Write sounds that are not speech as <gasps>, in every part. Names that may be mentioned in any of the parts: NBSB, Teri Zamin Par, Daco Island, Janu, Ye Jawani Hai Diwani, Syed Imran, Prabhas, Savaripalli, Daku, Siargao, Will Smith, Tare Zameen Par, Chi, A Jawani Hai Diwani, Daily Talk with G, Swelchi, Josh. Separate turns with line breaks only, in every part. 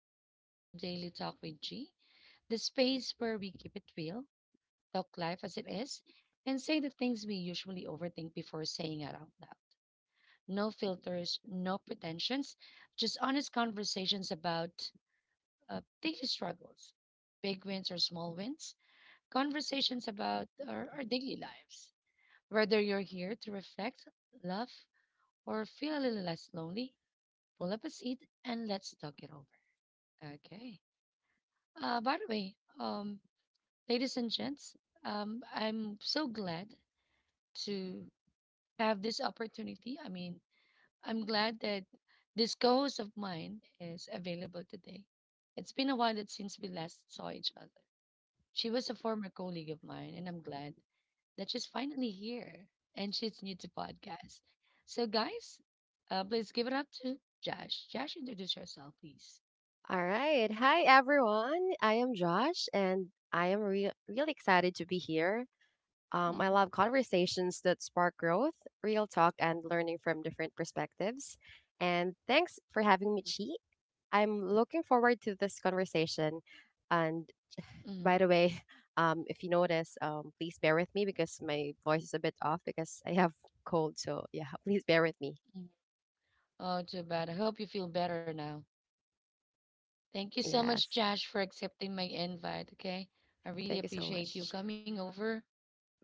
and welcome to Daily Talk with G, the space where we keep it real, talk life as it is, and say the things we usually overthink before saying it out loud. No filters, no pretensions, just honest conversations about daily struggles, big wins or small wins, conversations about our daily lives. Whether you're here to reflect, laugh, or feel a little less lonely, pull up a seat and let's talk it over. Okay. By the way, ladies and gents, I'm so glad to have this opportunity. I mean, I'm glad that this co-host of mine is available today. It's been a while that since we last saw each other. She was a former colleague of mine, and I'm glad that she's finally here and she's new to podcast. So, guys, please give it up to Josh. Josh, introduce yourself, please.
All right. Hi, everyone. I am Josh, and I am really excited to be here. I
Hmm.
love conversations that spark growth, real talk, and learning from different perspectives. And thanks for having me, Chi. I'm looking forward to this conversation. And by
Hmm.
the way, <laughs> if you notice, please bear with me because my voice is a bit off because I have cold. So yeah, <laughs> please bear with me.
Oh, too bad. I hope you feel better now. Thank you so much,
Yes.
Josh, for accepting my invite. Okay, I really
Thank you so
appreciate you
much.
coming over.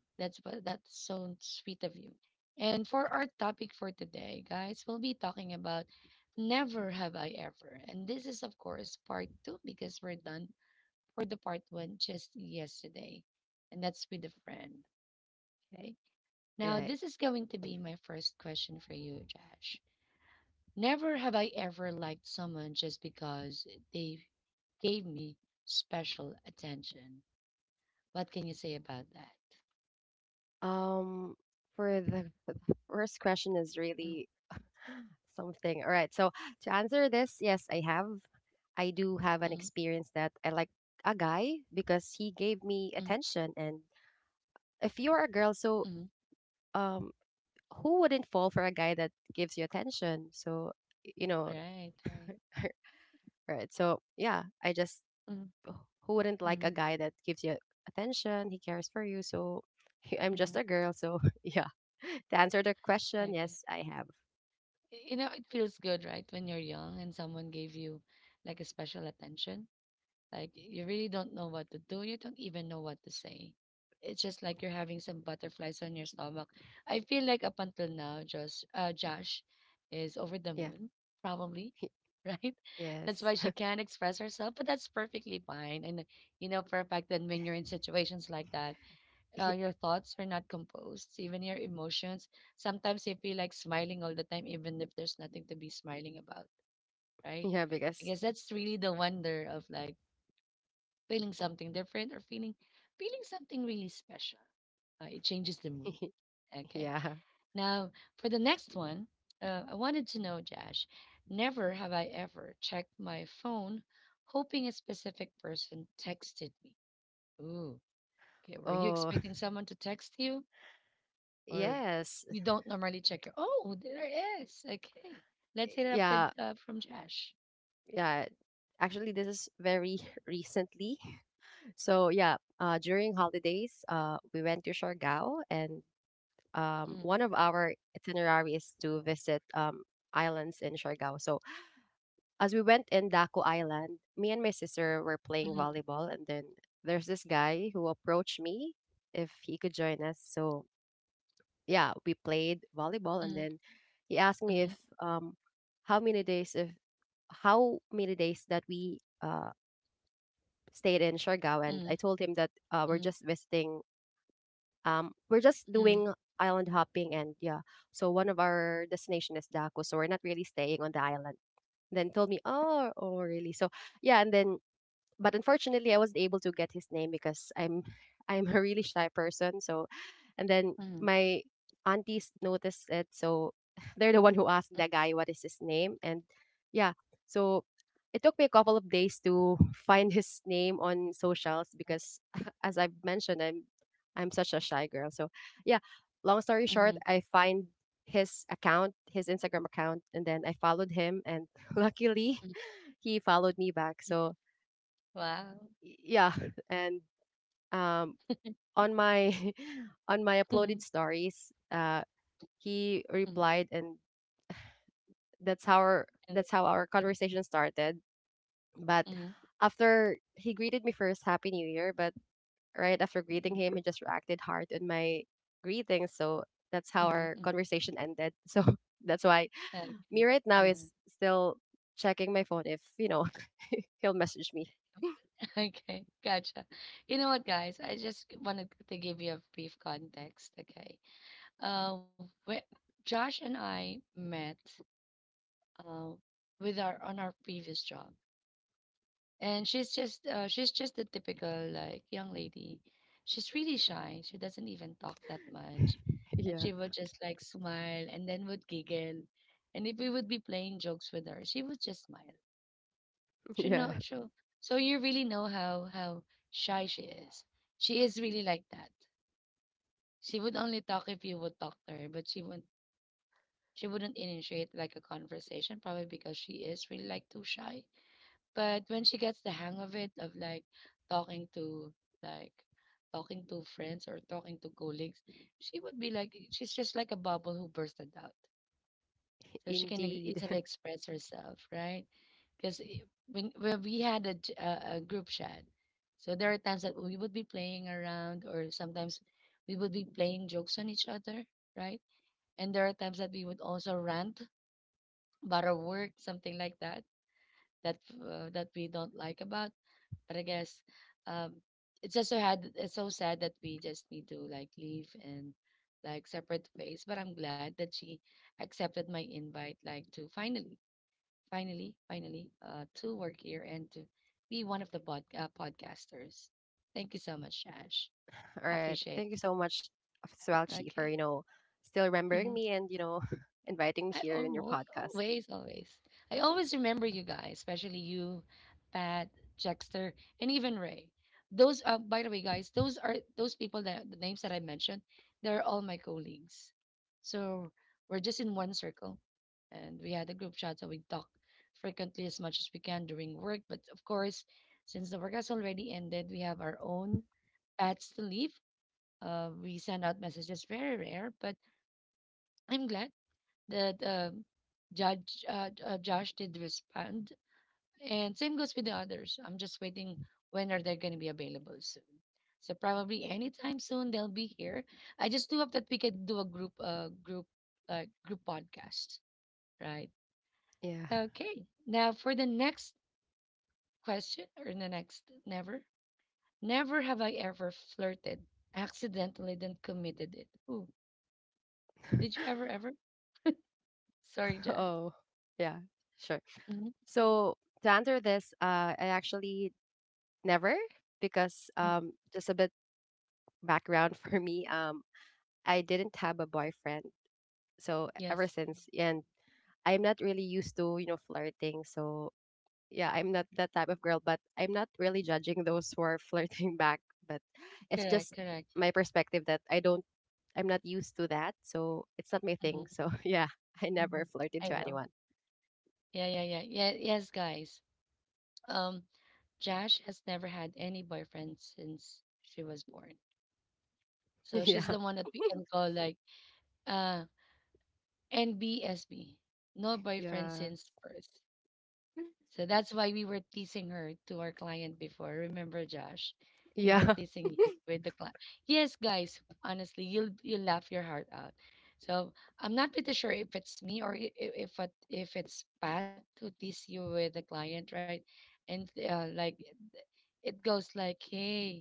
That's so sweet of you. And for our topic for today, guys, we'll be talking about never have I ever, and this is of course part two because we're done for the part one just yesterday, and that's with a friend. Okay,
Chi.
now
Right.
this is going to be my first question for you, Josh. Never have I ever liked someone just because they gave me special attention. What can you say about that?
Um, for the <laughs> the first question is
Mm,
really <gasps> something. All right. So to answer this, yes, I have. I do have an
mm,
experience that I like a guy because he gave me
mm,
attention. And if you're a girl, so
mm.
um, who wouldn't fall for a guy that gives you attention? So y- you know,
Right, right.
<laughs> right? So yeah, I just
Mm,
who wouldn't like
mm,
a guy that gives you attention? He cares for you. So <laughs> I'm just
mm.
a girl. So <laughs> yeah. To answer the question,
Okay.
yes, I have.
You know, it feels good, right, when you're young and someone gave you like a special attention. Like you really don't know what to do. You don't even know what to say. It's just like you're having some butterflies on your stomach. I feel like up until now, Josh, is over the
Yeah.
moon, probably,
<laughs>
<laughs> right? That's why she
Yes.
can't express herself, but that's perfectly fine. And you know for a fact that when you're in situations like that,
<laughs>
your thoughts are not composed, even your emotions. Sometimes you feel like smiling all the time, even if there's nothing to be smiling about, right?
yeah,
I
because
guess that's really the wonder of like feeling something different or feeling something really special. It changes the mood.
<laughs>
Okay.
yeah.
Now for the next one, I wanted to know, Josh. Never have I ever checked my phone, hoping a specific person texted me. Ooh. Okay. Were you
Oh,
expecting someone to text you, or
<laughs> yes.
you don't normally check your? Oh, there it is. Okay. Let's hit it up with
Yeah,
from Josh.
yeah. Actually, this is very <laughs> recently. So, yeah, during holidays, we went to Siargao, and
Mm,
one of our itinerary is to visit islands in Siargao. So, as we went in Daco Island, me and my sister were playing
mhm,
volleyball, and then there's this guy who approached me if he could join us. So, yeah, we played volleyball,
mhm,
and then he asked me
mhm,
if how many days if how many days that we stayed in Siargao, and
mhm,
I told him that we're
mhm,
just visiting we're just
mhm,
doing island hopping, and yeah, so one of our destination is Daku, so we're not really staying on the island. Then told me, oh, oh, really? So yeah, and then but unfortunately, I wasn't able to get his name because I'm <laughs> I'm a really shy person. So, and then
mhm,
my aunties noticed it, so <laughs> they're the one who asked that guy what is his name, and yeah, so it took me a couple of days to <laughs> find his name on socials because, <laughs> as I've mentioned, I'm such a shy girl. So, yeah, long story short,
mhm,
I find his account, his Instagram account, and then I followed him, and <laughs> luckily,
mhm,
he followed me back. So
wow.
Yeah. Right. And um on my <laughs> on my uploaded
Mhm,
stories he
mhm,
replied, and that's how our
uh,
that's how our conversation started, but
mhm,
after he greeted me first happy new year, but right after greeting
mhm,
him, he just reacted hard on my greeting. So that's how
mhm,
our
mhm.
conversation ended. <laughs> So that's why
Okay.
me right now
Uh,
is still checking my phone if, you know, <laughs> he'll message me. <laughs>
<laughs> okay, gotcha. You know what, guys? I just wanted to give you a brief context, okay? Uh, whe- Josh and I met uh, with our on our previous job. And she's just the typical like young lady. She's really shy. She doesn't even talk that much, and
Yeah,
she would just like smile and then would giggle. And if we would be playing jokes with her, she would just smile. She know
yeah,
so. So you really know how shy she is. She is really like that. She would only talk if you would talk to her, but she wouldn't initiate like a conversation, probably because she is really like too shy. But when she gets the hang of it, of talking to like talking to friends or talking to colleagues, she would be like she's just like a bubble who bursted out. So she can
indeed.
easily
<laughs>
express herself, right? Because when we had a, a group chat, so there are times that we would be playing around, or sometimes we would be playing jokes on each other, right? And there are times that we would also rant about our work, something like that, that that we don't like about. But I guess um, it's just so had it's so sad that we just need to like leave and like separate ways. But I'm glad that she accepted my invite, like to finally, finally, finally, to work here and to be one of the podcasters. Thank you so much, Ash.
All
I
right.
appreciate
Thank you so much,
that.
Swelchi, for,
Okay.
you know, still remembering
Mhm.
me and, you know, <laughs> inviting me
I
here in your
almost
podcast.
always, always. I always remember you guys, especially you, Pat, Jexter, and even Ray. Those, by the way, guys, those are those people that the names that I mentioned. They're all my colleagues. So we're just in one circle, and we had a group chat, so we talk frequently as much as we can during work. But of course, since the work has already ended, we have our own paths to leave. We send out messages very rare, but I'm glad that the judge Josh did respond, and same goes with the others. I'm just waiting when are they going to be available soon. So probably anytime soon they'll be here. I just do hope that we could do a group group like group podcast, right?
Yeah.
Okay. Now for the next question or the next never have I ever flirted accidentally then committed it. Ooh, did you ever ever? Sorry,
<laughs>
Josh.
Oh, yeah, sure.
Hmm.
So to answer this, I actually never because just a bit background <laughs> for me. I didn't have a boyfriend, so
Yes,
ever since, and I'm not really used to you know flirting. So yeah, I'm not that type of girl, but I'm not really judging those who are <laughs> flirting back. But it's
correct,
just
correct.
my perspective that I'm not used to that, so it's not my
Mhm.
thing. So <laughs> yeah, I never
Mhm.
flirted
I
to
know.
anyone.
Yeah, yeah, yeah. Yeah, yes, guys. Um, Jash has never had any boyfriend since she was born. So
<laughs>
she's
yeah.
the
<laughs>
one that we can call like uh NBSB. No boyfriend
Yeah.
since birth. So that's why we were teasing her to our client before. Remember, Josh? We were
Yeah.
teasing you with the client. Yes, guys, honestly, you'll laugh your heart out. So I'm not pretty sure if it's me or if it's Pat who teased you with the client, right? And like it goes like, hey,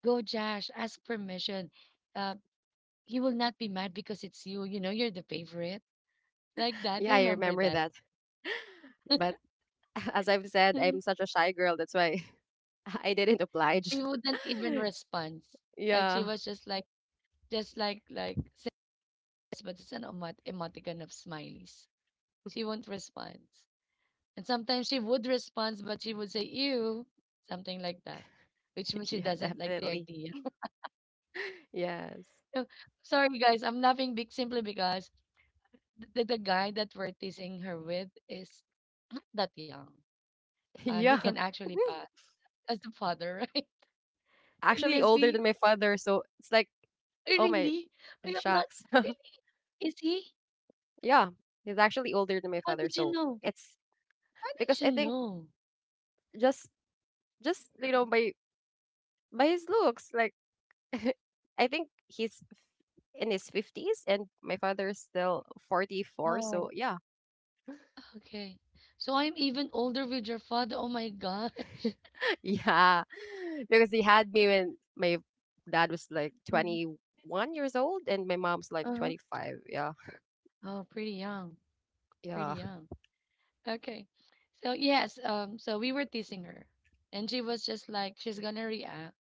go, Josh, ask permission. Uh, he will not be mad because it's you. You know, you're the favorite.
<laughs>
Like that.
Yeah, I
Remember
remember
that.
that. <laughs> But <laughs> as I've said, I'm such a shy girl. That's why <laughs> I didn't
<laughs> She
oblige.
wouldn't even
<laughs>
respond. Like she
yeah.
was just like. Just like says, but it's an emoticon of smileys. She won't respond. And sometimes she would respond, but she would say, ew, something like that, which means
<laughs>
she
Yeah,
doesn't like the
definitely.
idea. <laughs>
Yes.
So, sorry, guys, I'm laughing big simply because the guy that we're teasing her with is <clears throat> not that young.
<laughs>
He can
Yeah.
actually pass
<laughs>
as the father, <laughs> right? And
actually
yes,
older
we
than my father, so it's like, oh my
really, I am not,
shucks.
really, is he?
<laughs> yeah. He's actually older than my
How
father,
did you
so
know?
it's
How did
because I
you
think
know?
just just you know by his looks, like <laughs> I think he's in his 50s, and my father is still 44,
Oh.
so yeah.
Okay. So I'm even older with your father. Oh my gosh.
Yeah, <laughs> because he had me when my dad was like
<laughs> Mhm.
21 years old and my mom's like
Uh-huh.
25. Yeah,
Oh, pretty young. Pretty
yeah,
young. Okay. So yes, so we were teasing her. And she was just like, she's gonna react,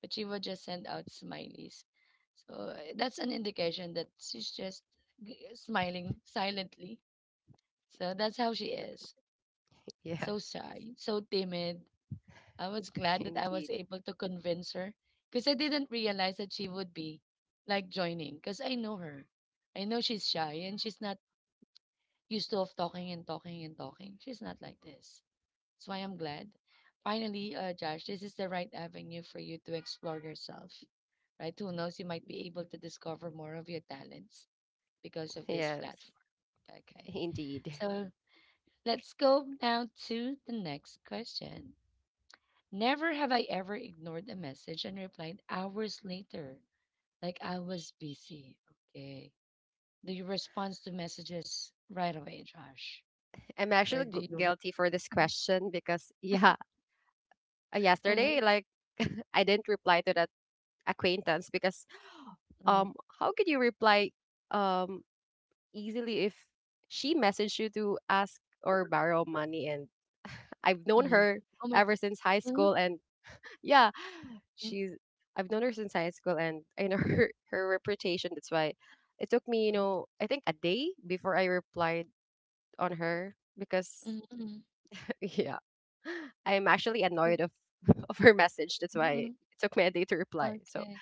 but she would just send out smileys. So that's an indication that she's just smiling silently. So that's how she is.
<laughs> yeah,
So shy, so timid. I was
<laughs>
glad that I was
indeed.
able to convince her because I didn't realize that she would be like joining because I know her. I know she's shy and she's not used to of talking and talking and talking. She's not like this. That's why I'm glad. Finally, Josh, this is the right avenue for you to explore yourself, right? Who knows, you might be able to discover more of your talents because of this
Yes,
platform. Okay.
indeed.
So let's go now to the next question. Never have I ever ignored a message and replied hours later, like I was busy. Okay. Do you respond to messages right away, Josh?
I'm
Or
actually
do
gu-
you?
guilty for this
Mhm.
question because, yeah,
Uh-huh.
yesterday, like, <laughs> I didn't reply to that acquaintance because,
Mhm.
um, how could you reply, um, easily if she messaged you to ask or borrow money, and <laughs> I've known
Mhm.
her
Oh my.
ever since high
Mhm.
school, and yeah,
Mhm.
she's I've known her since high school, and I know <laughs> her reputation. That's why it took me, you
Mhm.
know, I think a day before I replied on her because
Mhm. Mhm.
<laughs> yeah. I'm actually
Like,
annoyed of <laughs> of her message. That's why it
mhm.
took me a day to reply. So
Okay.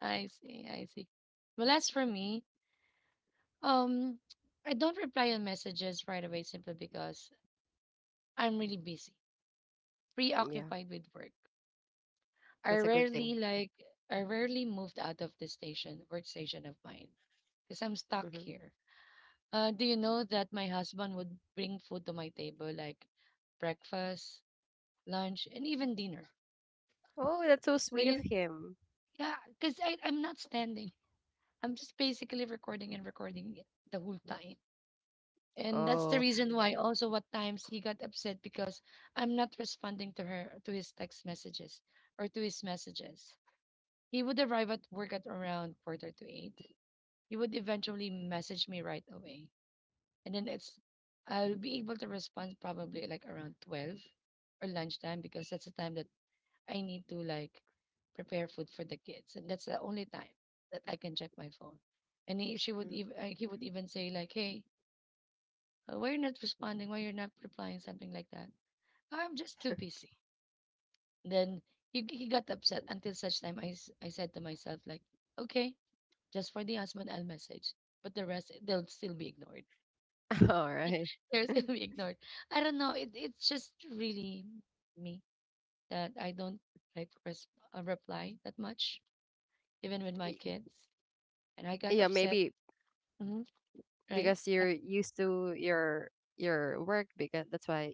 I see. I see. Well, as for me, um, I don't reply on messages right away simply because I'm really busy,
mm, yeah,
preoccupied with work. I
that's a good thing.
rarely like I rarely moved out of the station workstation of mine because I'm stuck
Hmm.
here. Do you know that my husband would bring food to my table like breakfast, lunch, and even dinner?
Oh, that's so
So
sweet of
you,
him.
yeah, because I'm not standing. I'm just basically recording and recording it the whole time, and that's the
Oh,
reason why also what times he got upset because I'm not responding to her to his text messages or to his messages. He would arrive at work at around quarter to eight. You would eventually message me right away. And then it's I'll be able to respond probably like around 12 or lunchtime because that's the time that I need to like prepare food for the kids. And that's the only time that I can check my phone. And he would even say like, "Hey, why you're not responding? Why you're not replying?" Something like that. I'm just too busy. Then he got upset until such time I said to myself like, "Okay, just for the husband, I'll message, but the rest they'll still be ignored."
<laughs> all right.
They're still being <laughs> ignored. I don't know. It's just really me that I don't like to reply that much, even with my
Y-
kids. And I got
Yeah,
upset.
maybe
Hmm, right?
because you're used to your work because that's why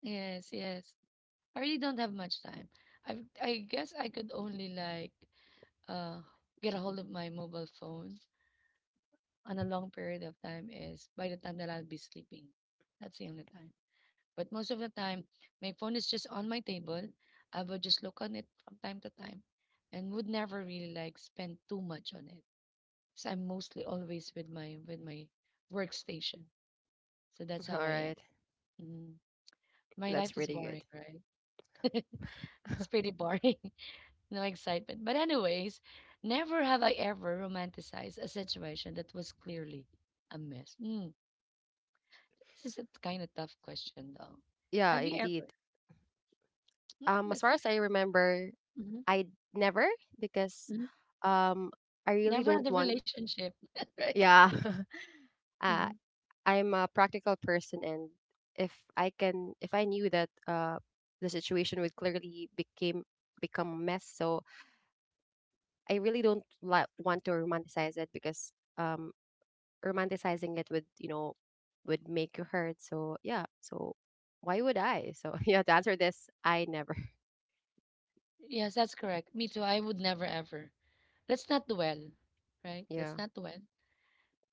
Yes, yes. I really don't have much time. I I guess I could only like uh get a hold of my mobile phone on a long period of time is by the time that I'll be sleeping. That's the only time. But most of the time, my phone is just on my table. I would just look on it from time to time and would never really like spend too much on it. So I'm mostly always with my workstation. So that's
all
how I am.
right.
Mhm. My life
That's
is
really
boring,
good.
right? It's
<laughs>
pretty boring. <laughs> No excitement. But anyways, never have I ever romanticized a situation that was clearly a mess. This is a kind of tough question though.
Yeah,
Have you ever?
indeed.
Mm,
As
that's,
far as I remember, I never because um I really
never had
don't
a
want.
relationship, <laughs> right?
Yeah, <laughs> uh,
Hmm.
I'm a practical person, and if I can, if I knew that the situation would clearly became become a mess, so I really don't like want to romanticize it because um romanticizing it would you know would make you hurt. So yeah, so why would I? So <laughs> yeah, to answer this, I never. <laughs>
Yes, that's correct. Me too. I would never ever. Let's not dwell, right? Let's
Yeah.
not dwell.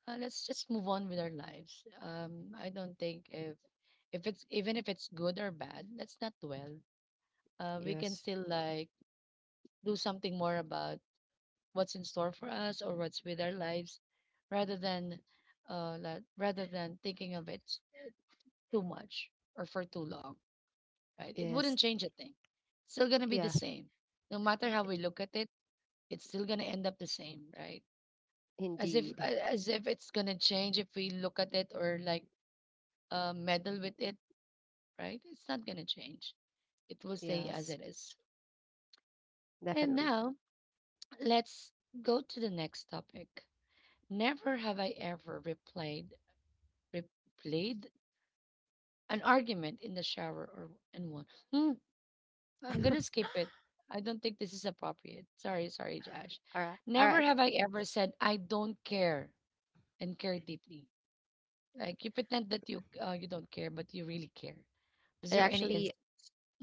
Let's just move on with our lives. I don't think if it's even if it's good or bad, let's not dwell. We can
Yes.
still like do something more about what's in store for us or what's with our lives, rather than rather than thinking of it too much or for too long. Right? It
Yes.
wouldn't change a thing. It's still going to be the
Yeah.
same. No matter how we look at it, it's still going to end up the same, right? As if
Indeed.
as if it's going to change if we look at it or like meddle with it, right? It's not going to change. It will stay as
Yes,
it is. And
definitely.
now let's go to the next topic. Never have I ever replayed an argument in the shower or and won. Hmm, I'm
<laughs> All
gonna skip it. I don't think this is appropriate. Sorry, sorry, Josh.
right. All
Never
right.
have I ever said I don't care and care deeply. Like you pretend that you you don't care, but you really care. Is there any
Actually,
instance?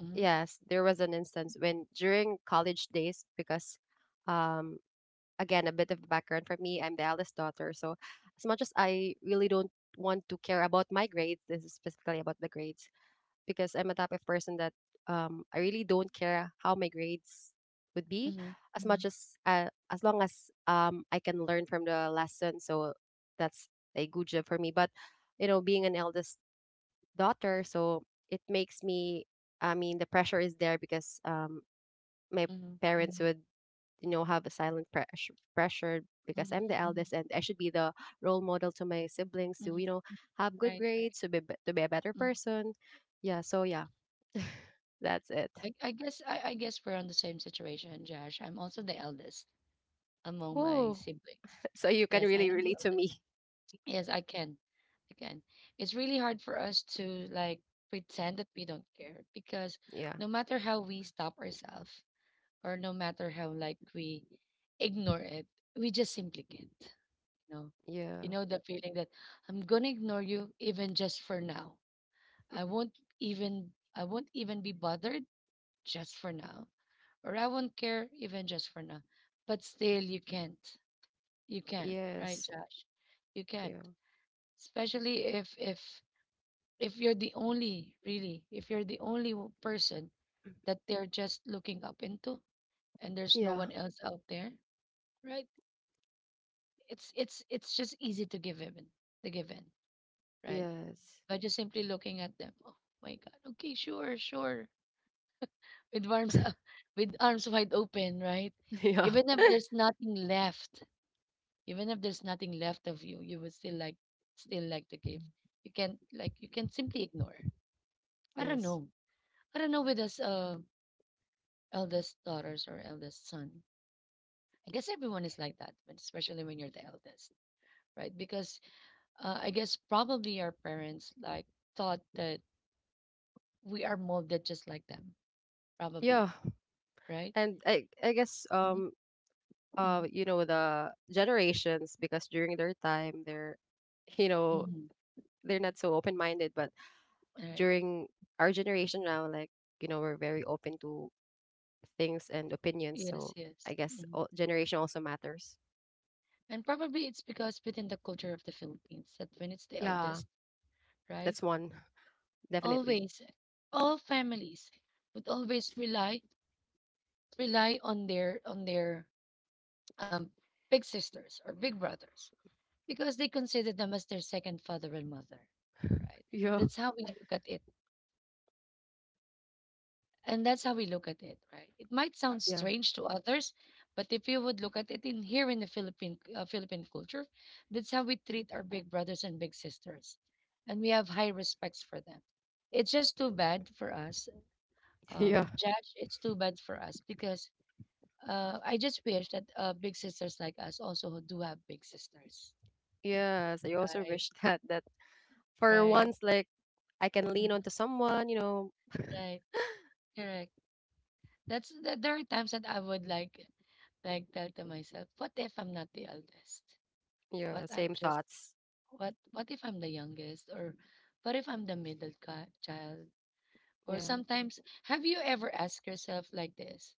Mm-hmm,
yes, there was an instance when during college days, because um again, a bit of background for me, I'm the eldest daughter. So as much as I really don't want to care about my grades, this is specifically about the grades, because I'm a type of person that I really don't care how my grades would be
mm-hmm,
as much as long as I can learn from the lesson, so that's a good job for me. But you know, being an eldest daughter, so it makes me I mean the pressure is there because my
mm-hmm,
parents would you know have a silent pressure pressure because
mm-hmm,
I'm the
mm-hmm.
eldest and I should be the role model to my siblings to
Mm-hmm.
you know have good
Right, right.
grades to be a better
Mm.
person yeah so yeah. <laughs> That's it.
I guess I guess we're on the same situation, Josh. I'm also the eldest among my
Ooh. <laughs>
siblings.
So you can
Yes, I
really
am the
relate to
eldest.
me.
Yes, I can. I can. It's really hard for us to like pretend that we don't care because
Yeah.
no matter how we stop ourselves or no matter how like we ignore it, we just simply can't. You know,
Yeah.
you know the feeling that I'm gonna ignore you even just for now. I won't even I won't even be bothered just for now, or I won't care even just for now. But still, you can't. You can't, right,
Yes.
Josh? You can't
Yeah.
especially if if you're the only really if you're the only person that they're just looking up into, and there's no
Yeah.
one else out there, right? It's just easy to give in to give in, right?
Yes.
By just simply looking at them, oh my god, okay, sure, sure, with arms
<laughs>
<laughs> with arms wide open, right?
yeah.
Even if
<laughs>
there's nothing left, even if there's nothing left of you, you would still like to give. You can like you can simply ignore. i don't
Yes.
know I don't know with us eldest daughters or eldest son. I guess everyone is like that, but especially when you're the eldest, right? Because I guess probably our parents like thought that we are molded just like them, probably,
Yeah.
right?
And I guess
Mm-hmm.
you know the generations because during their time they're you know
Mm-hmm.
they're not so open minded, but
All right.
during our generation now like you know we're very open to things and opinions,
Yes,
so I
yes.
guess
Mhm.
all, generation also matters.
And probably it's because within the culture of the Philippines that when it's the
Yeah,
eldest, right?
that's one definitely.
Always, all families would always rely on their um big sisters or big brothers because they consider them as their second father and mother, right?
Yeah,
That's how we look at it. And that's how we look at it, right? It might sound
yeah,
strange to others, but if you would look at it in here in the Philippine Philippine culture, that's how we treat our big brothers and big sisters, and we have high respects for them. It's just too bad for us,
<laughs> yeah.
Judge. It's too bad for us because I just wish that big sisters like us also do have big sisters,
Yes, I also
right?
wish <laughs> that for
Right?
once, like I can lean
Mhm.
onto someone. You know,
Right? Correct. That's that there are times that I would like tell to myself, what if I'm not the eldest?
yeah,
What I'm
same
just
thoughts.
what if I'm the youngest or what if I'm the child? Or
Yeah,
sometimes have you ever asked yourself like this?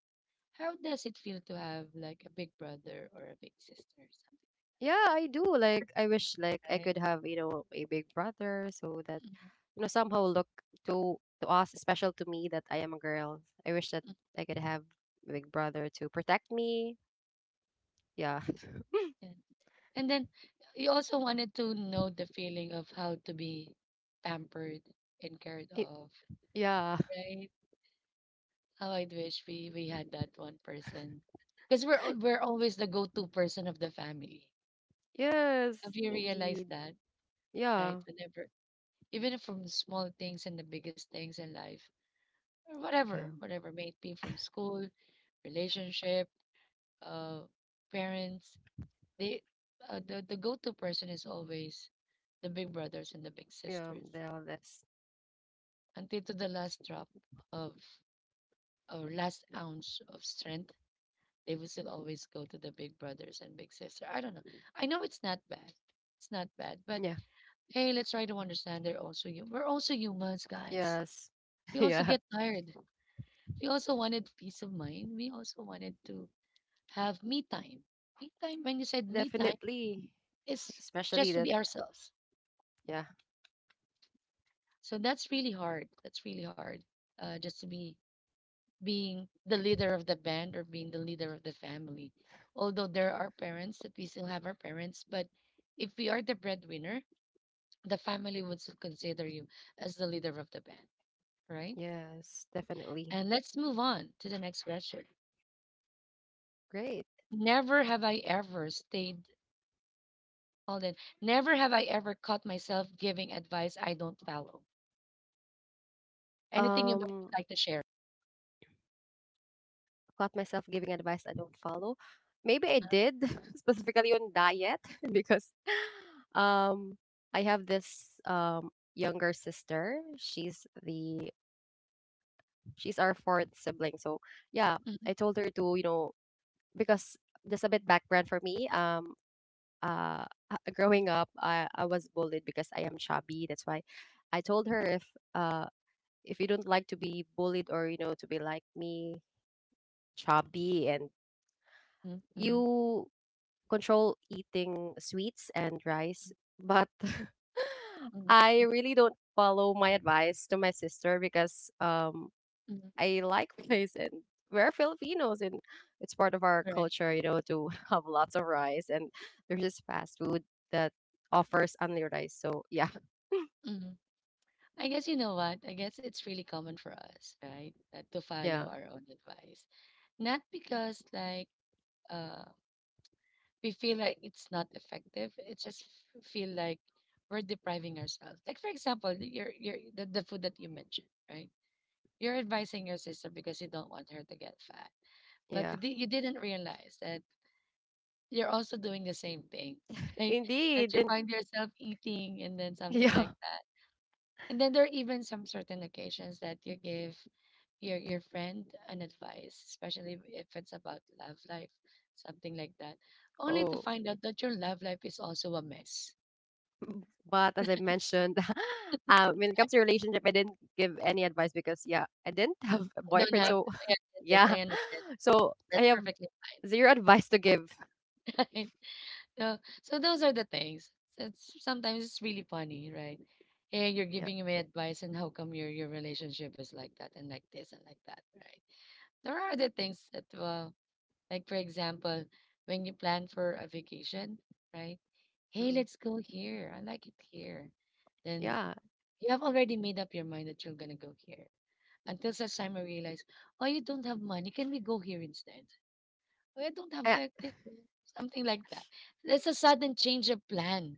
How does it feel to have like a big brother or a big sister or something like
yeah, I do. Like I wish, like
that?
I
Right?
could have, you know, a big brother, so that
Mhm.
you know somehow look to us special to me that I am a girl. I wish that I could have a big brother to protect me. Yeah, <laughs>
Yeah. And then you also wanted to know the feeling of how to be pampered and cared
Y-
of,
yeah,
right? How I wish we had that one person, because we're we're always the go-to person of the family.
yes,
Have you realized
indeed.
that, right?
Yeah,
Whenever, even if from the small things and the biggest things in life, or
yeah,
whatever, whatever may it be from school, relationship, uh, parents, they the go-to person is always the big brothers and the big
yeah.
sisters
The eldest.
until to the last drop of or last ounce of strength. They would still always go to the big brothers and big sister. I don't know. I know it's not bad. It's not bad. But
Yeah.
hey, let's try to understand they're also you. We're also humans, guys.
Yes.
We
<laughs>
also
Yeah.
get tired. We also wanted peace of mind. We also wanted to have me time. Me time, when you said me time,
Definitely.
is
Especially
just to
that.
be ourselves,
Yeah.
right? So that's really hard. That's really hard. Just to be being the leader of the band or being the leader of the family. Although there are parents that we still have our parents, but if we are the breadwinner, the family would still consider you as the leader of the band, right?
Yes. Definitely.
And let's move on to the next question.
Great.
Never have I ever stayed, hold on, never have I ever caught myself giving advice I don't follow. Anything you might
Um,
like to share?
caught myself giving advice I don't follow. Maybe I
Uh-huh.
did <laughs> specifically on diet <laughs> because, um, I have this younger sister. She's our fourth sibling. So yeah,
Mm-hmm.
I told her to you know because just a bit background for me. Uh growing up I was bullied because I am chubby. That's why I told her uh if you don't like to be bullied or you know to be like me chubby and
Mm-hmm. Mm-hmm.
you control eating sweets and rice but <laughs>
Mm-hmm,
I really don't follow my advice to my sister because
mm-hmm,
I like <laughs> rice, and we're Filipinos, and it's part of our
correct.
culture, you know, to <laughs> have lots of rice, and there's this fast food that offers only rice. So yeah, <laughs>
Mm-hmm. I guess you know what? I guess it's really common for us, right? That to follow
yeah,
our own advice. Not because like uh we feel like it's not effective. It just feel like we're depriving ourselves. Like for example, your the food that you mentioned, right? You're advising your sister because you don't want her to get fat. But
yeah.
you you didn't realize that you're also doing the same thing, <laughs> right? That
Indeed.
you
And
find yourself eating and then
<laughs>
something
yeah.
like that. And then there are even some certain occasions that you give your friend an advice, especially if it's about love life, something like that, only to
Oh.
find out that your love life is also a mess.
But as I mentioned, <laughs> when it comes to relationship, I didn't give any advice because yeah, I didn't <laughs> have a
No, no, I
boyfriend.
don't have
So
I
<laughs>
understand this. I
yeah.
understand.
So I
That's
have
perfectly
zero advice to give.
<laughs> fine. So so those are the things. It's sometimes it's really funny, right? Hey, you're
Yeah.
giving me advice, and how come your relationship is like that and like this and like that, right? There are other things that like, for example, when you plan for a vacation, right? Hey,
Mm,
let's go here. I like it here. Then
Yeah.
you have already made up your mind that you're going to go here. Until such time I realize, oh, you don't have money. Can we go here instead? Oh, I don't have
I,
like this, something like that. That's a sudden change of plan.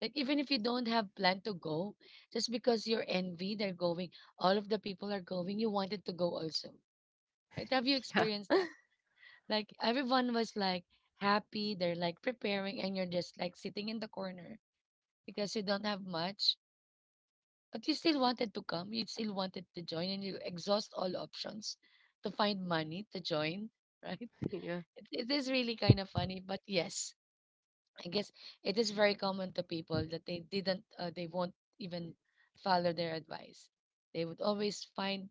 Like, even if you don't have plan to go, just because you're envy, they're going, all of the people are going, you wanted to go also. Right? Have you
<laughs> yeah.
experienced that? Like everyone was like happy, they're like preparing, and you're just like sitting in the corner because you don't have much, but you still wanted to come, you still wanted to join, and you exhaust all options to find money to join, <laughs> right?
<laughs> Yeah.
It is really kind of funny, but yes, I guess it is very common to people that they didn't, they won't even follow their advice. They would always find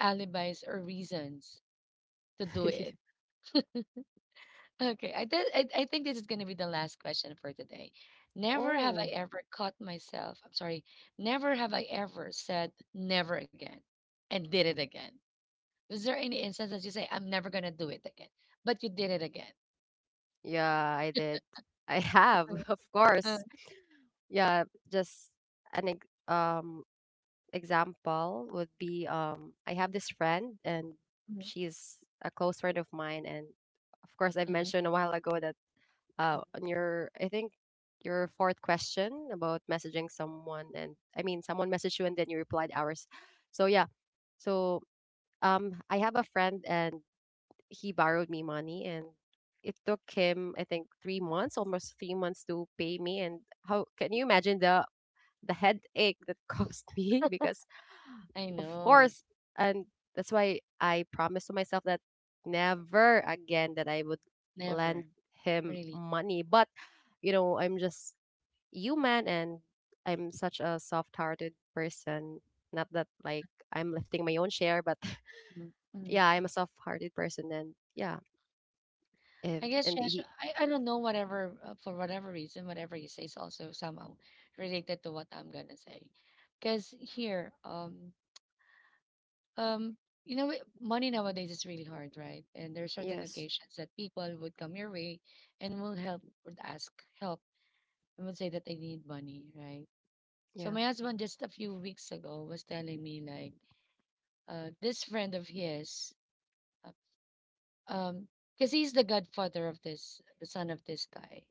alibis or reasons to do it.
<laughs>
Okay, I, th- I think this is going to be the last question for today. Never have I
Oh.
ever caught myself. I'm sorry. Never have I ever said never again and did it again. Was there any instance that you say I'm never going to do it again, but you did it again?
Yeah, I did. I have, <laughs> of course.
Uh,
Yeah, just an ex example would be I have this friend, and
mhm,
she's a close friend of mine, and of course I've
mhm,
mentioned a while ago that
mhm.
on your I think your fourth question about messaging someone and I mean someone messaged you and then you replied ours. So yeah. So I have a friend, and he borrowed me money, and it took him I think 3 months, almost 3 months to pay me, and how can you imagine the headache that <laughs> caused me because
I
of
know.
course and that's why I promised to myself that never again that I would
Never.
lend him
Really.
money. But you know, I'm just human, and I'm such a soft-hearted person not that like I'm lifting my own share, but <laughs>
Mhm, mhm.
yeah, I'm a soft-hearted person, and yeah, if,
I guess
and
Shash,
he,
I don't know whatever for whatever reason whatever you say is also somehow related to what I'm gonna say, because here um money nowadays is really hard, right? And there are certain
yes,
occasions that people would come your way and will help, would ask help, and would say that they need money, right? So
yeah,
my husband, just a few weeks ago, was telling me like, this friend of his, uh, um because he's the godfather of this, the son of this guy.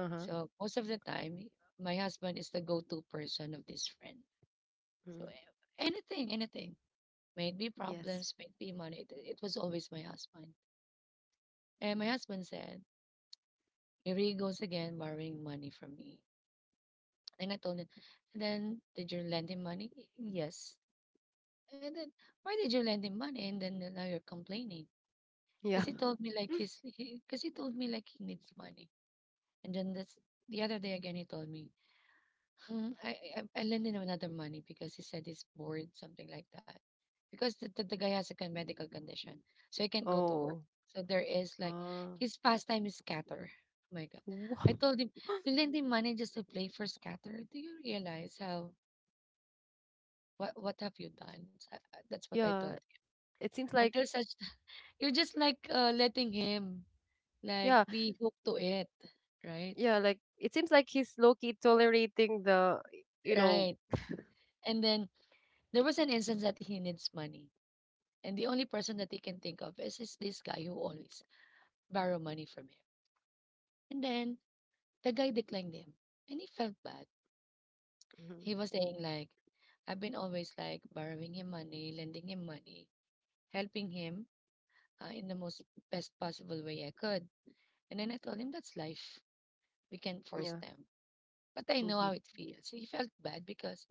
uh huh,
So most of the time my husband is the go-to person of this friend. So
mm,
anything, might be
yes,
problems, might be money, it was always my husband. And my husband said, here he goes again borrowing money from me. And I told him, and then did you lend him money? "Y- Yes. And then why did you lend him money? And then, now you're complaining."
yeah.
Because he
<laughs>
told me like he's because he told me like he needs money. And then that's the other day again he told me. Hmm. I lend him another money because he said he's bored, something like that. Because the guy has a medical condition, so he can't go to work.
Oh,
So there is like
uh,
his pastime is scatter. Oh my God!
wha-
I told him,
<gasps>
you lend him money just to play for scatter. Do you realize how, what have you done? So, that's what I told
yeah.
him.
It seems like,
Until such <laughs> you're just like letting him like
yeah,
be hooked to it, right?
yeah, like it seems like he's low key tolerating the, you know,
Right. And then there was an instance that he needs money, and the only person that he can think of is this guy who always borrow money from him. And then the guy declined him. And he felt bad. He
mm-hmm.
was saying like, I've been always like borrowing him money, lending him money, helping him, in the most best possible way I could. And then I told him, that's life. We can't force
Yeah,
them. But I know
indeed.
how it feels. He felt bad because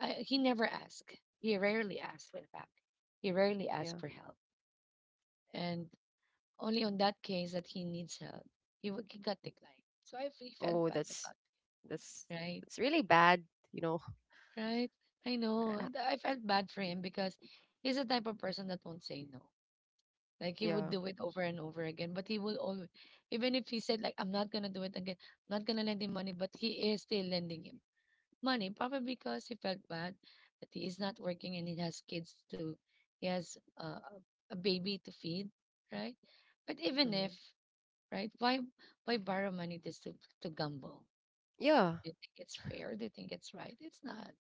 I, he never asked. He rarely asked, in fact. He rarely asked
Yeah.
for help. And only on that case that he needs help, he got declined. So I felt
Oh,
bad about
that's
it. Right,
that's really bad, you know.
right. I know.
And I-
And I felt bad for him because he's the type of person that won't say no. Like he would
Yeah.
do it over and over again, but he will always, even if he said like, "I'm not gonna do it again, I'm not gonna lend him money," but he is still lending him money, probably because he felt bad that he is not working and he has kids to, he has a baby to feed, right? But even
Hmm.
if, right? Why borrow money just to gamble?
Yeah.
Do you think it's fair? Do you think it's right? It's not,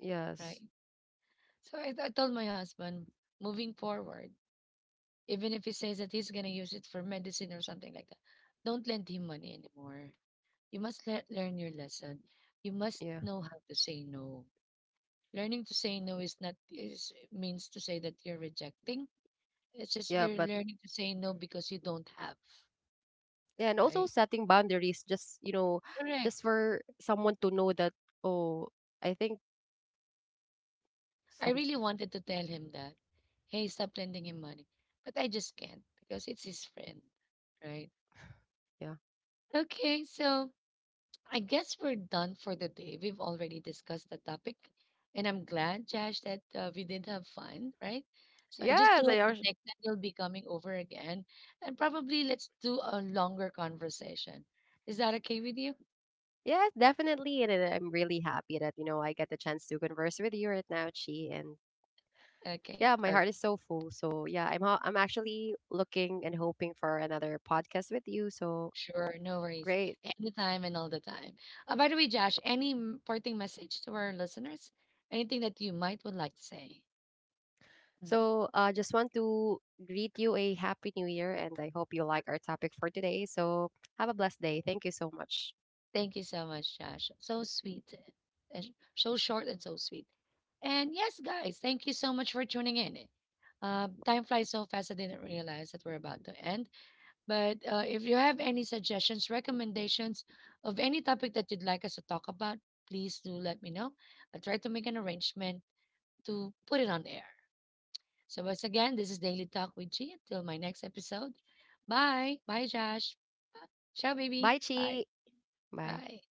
Yes.
right? So I told my husband, moving forward, even if he says that he's gonna use it for medicine or something like that, don't lend him money anymore. You must learn your lesson. You must
Yeah.
know how to say no. Learning to say no is not, is means to say that you're rejecting. It's just
Yeah,
you're
but
learning to say no because you don't have,
yeah, and also
right?
setting boundaries just, you know, just
Correct.
for someone to know that oh, I think
I
some
really wanted to tell him that, hey, stop lending him money. But I just can't because it's his friend, right?
yeah.
Okay, so I guess we're done for the day. We've already discussed the topic. And I'm glad, Josh, that we did have fun, right? So I just do
Yes,
hope
I are
that next time you'll be coming over again. And probably let's do a longer conversation. Is that okay with you?
yes, definitely and then I'm really happy that, you know, I get the chance to converse with you right now, Chi, and
Okay,
yeah, my
perfect.
heart is so full. So yeah, I'm actually looking and hoping for another podcast with you. So
Sure, no worries.
great.
Anytime and all the time. By the way, Josh, any parting message to our listeners? Anything that you might would like to say? Mhm.
So just want to greet you a happy new year, and I hope you like our topic for today. So have a blessed day. Thank you so much.
Thank you so much, Josh. So sweet and so short and so sweet. And yes, guys, thank you so much for tuning in. Time flies so fast, I didn't realize that we're about to end. But if you have any suggestions, recommendations of any topic that you'd like us to talk about, please do let me know. I'll try to make an arrangement to put it on air. So, once again, this is Daily Talk with G. Until my next episode. Bye. Bye, Josh. Bye.
Bye,
Ciao, baby.
bye,
Bye.
Chi. Bye.
Bye.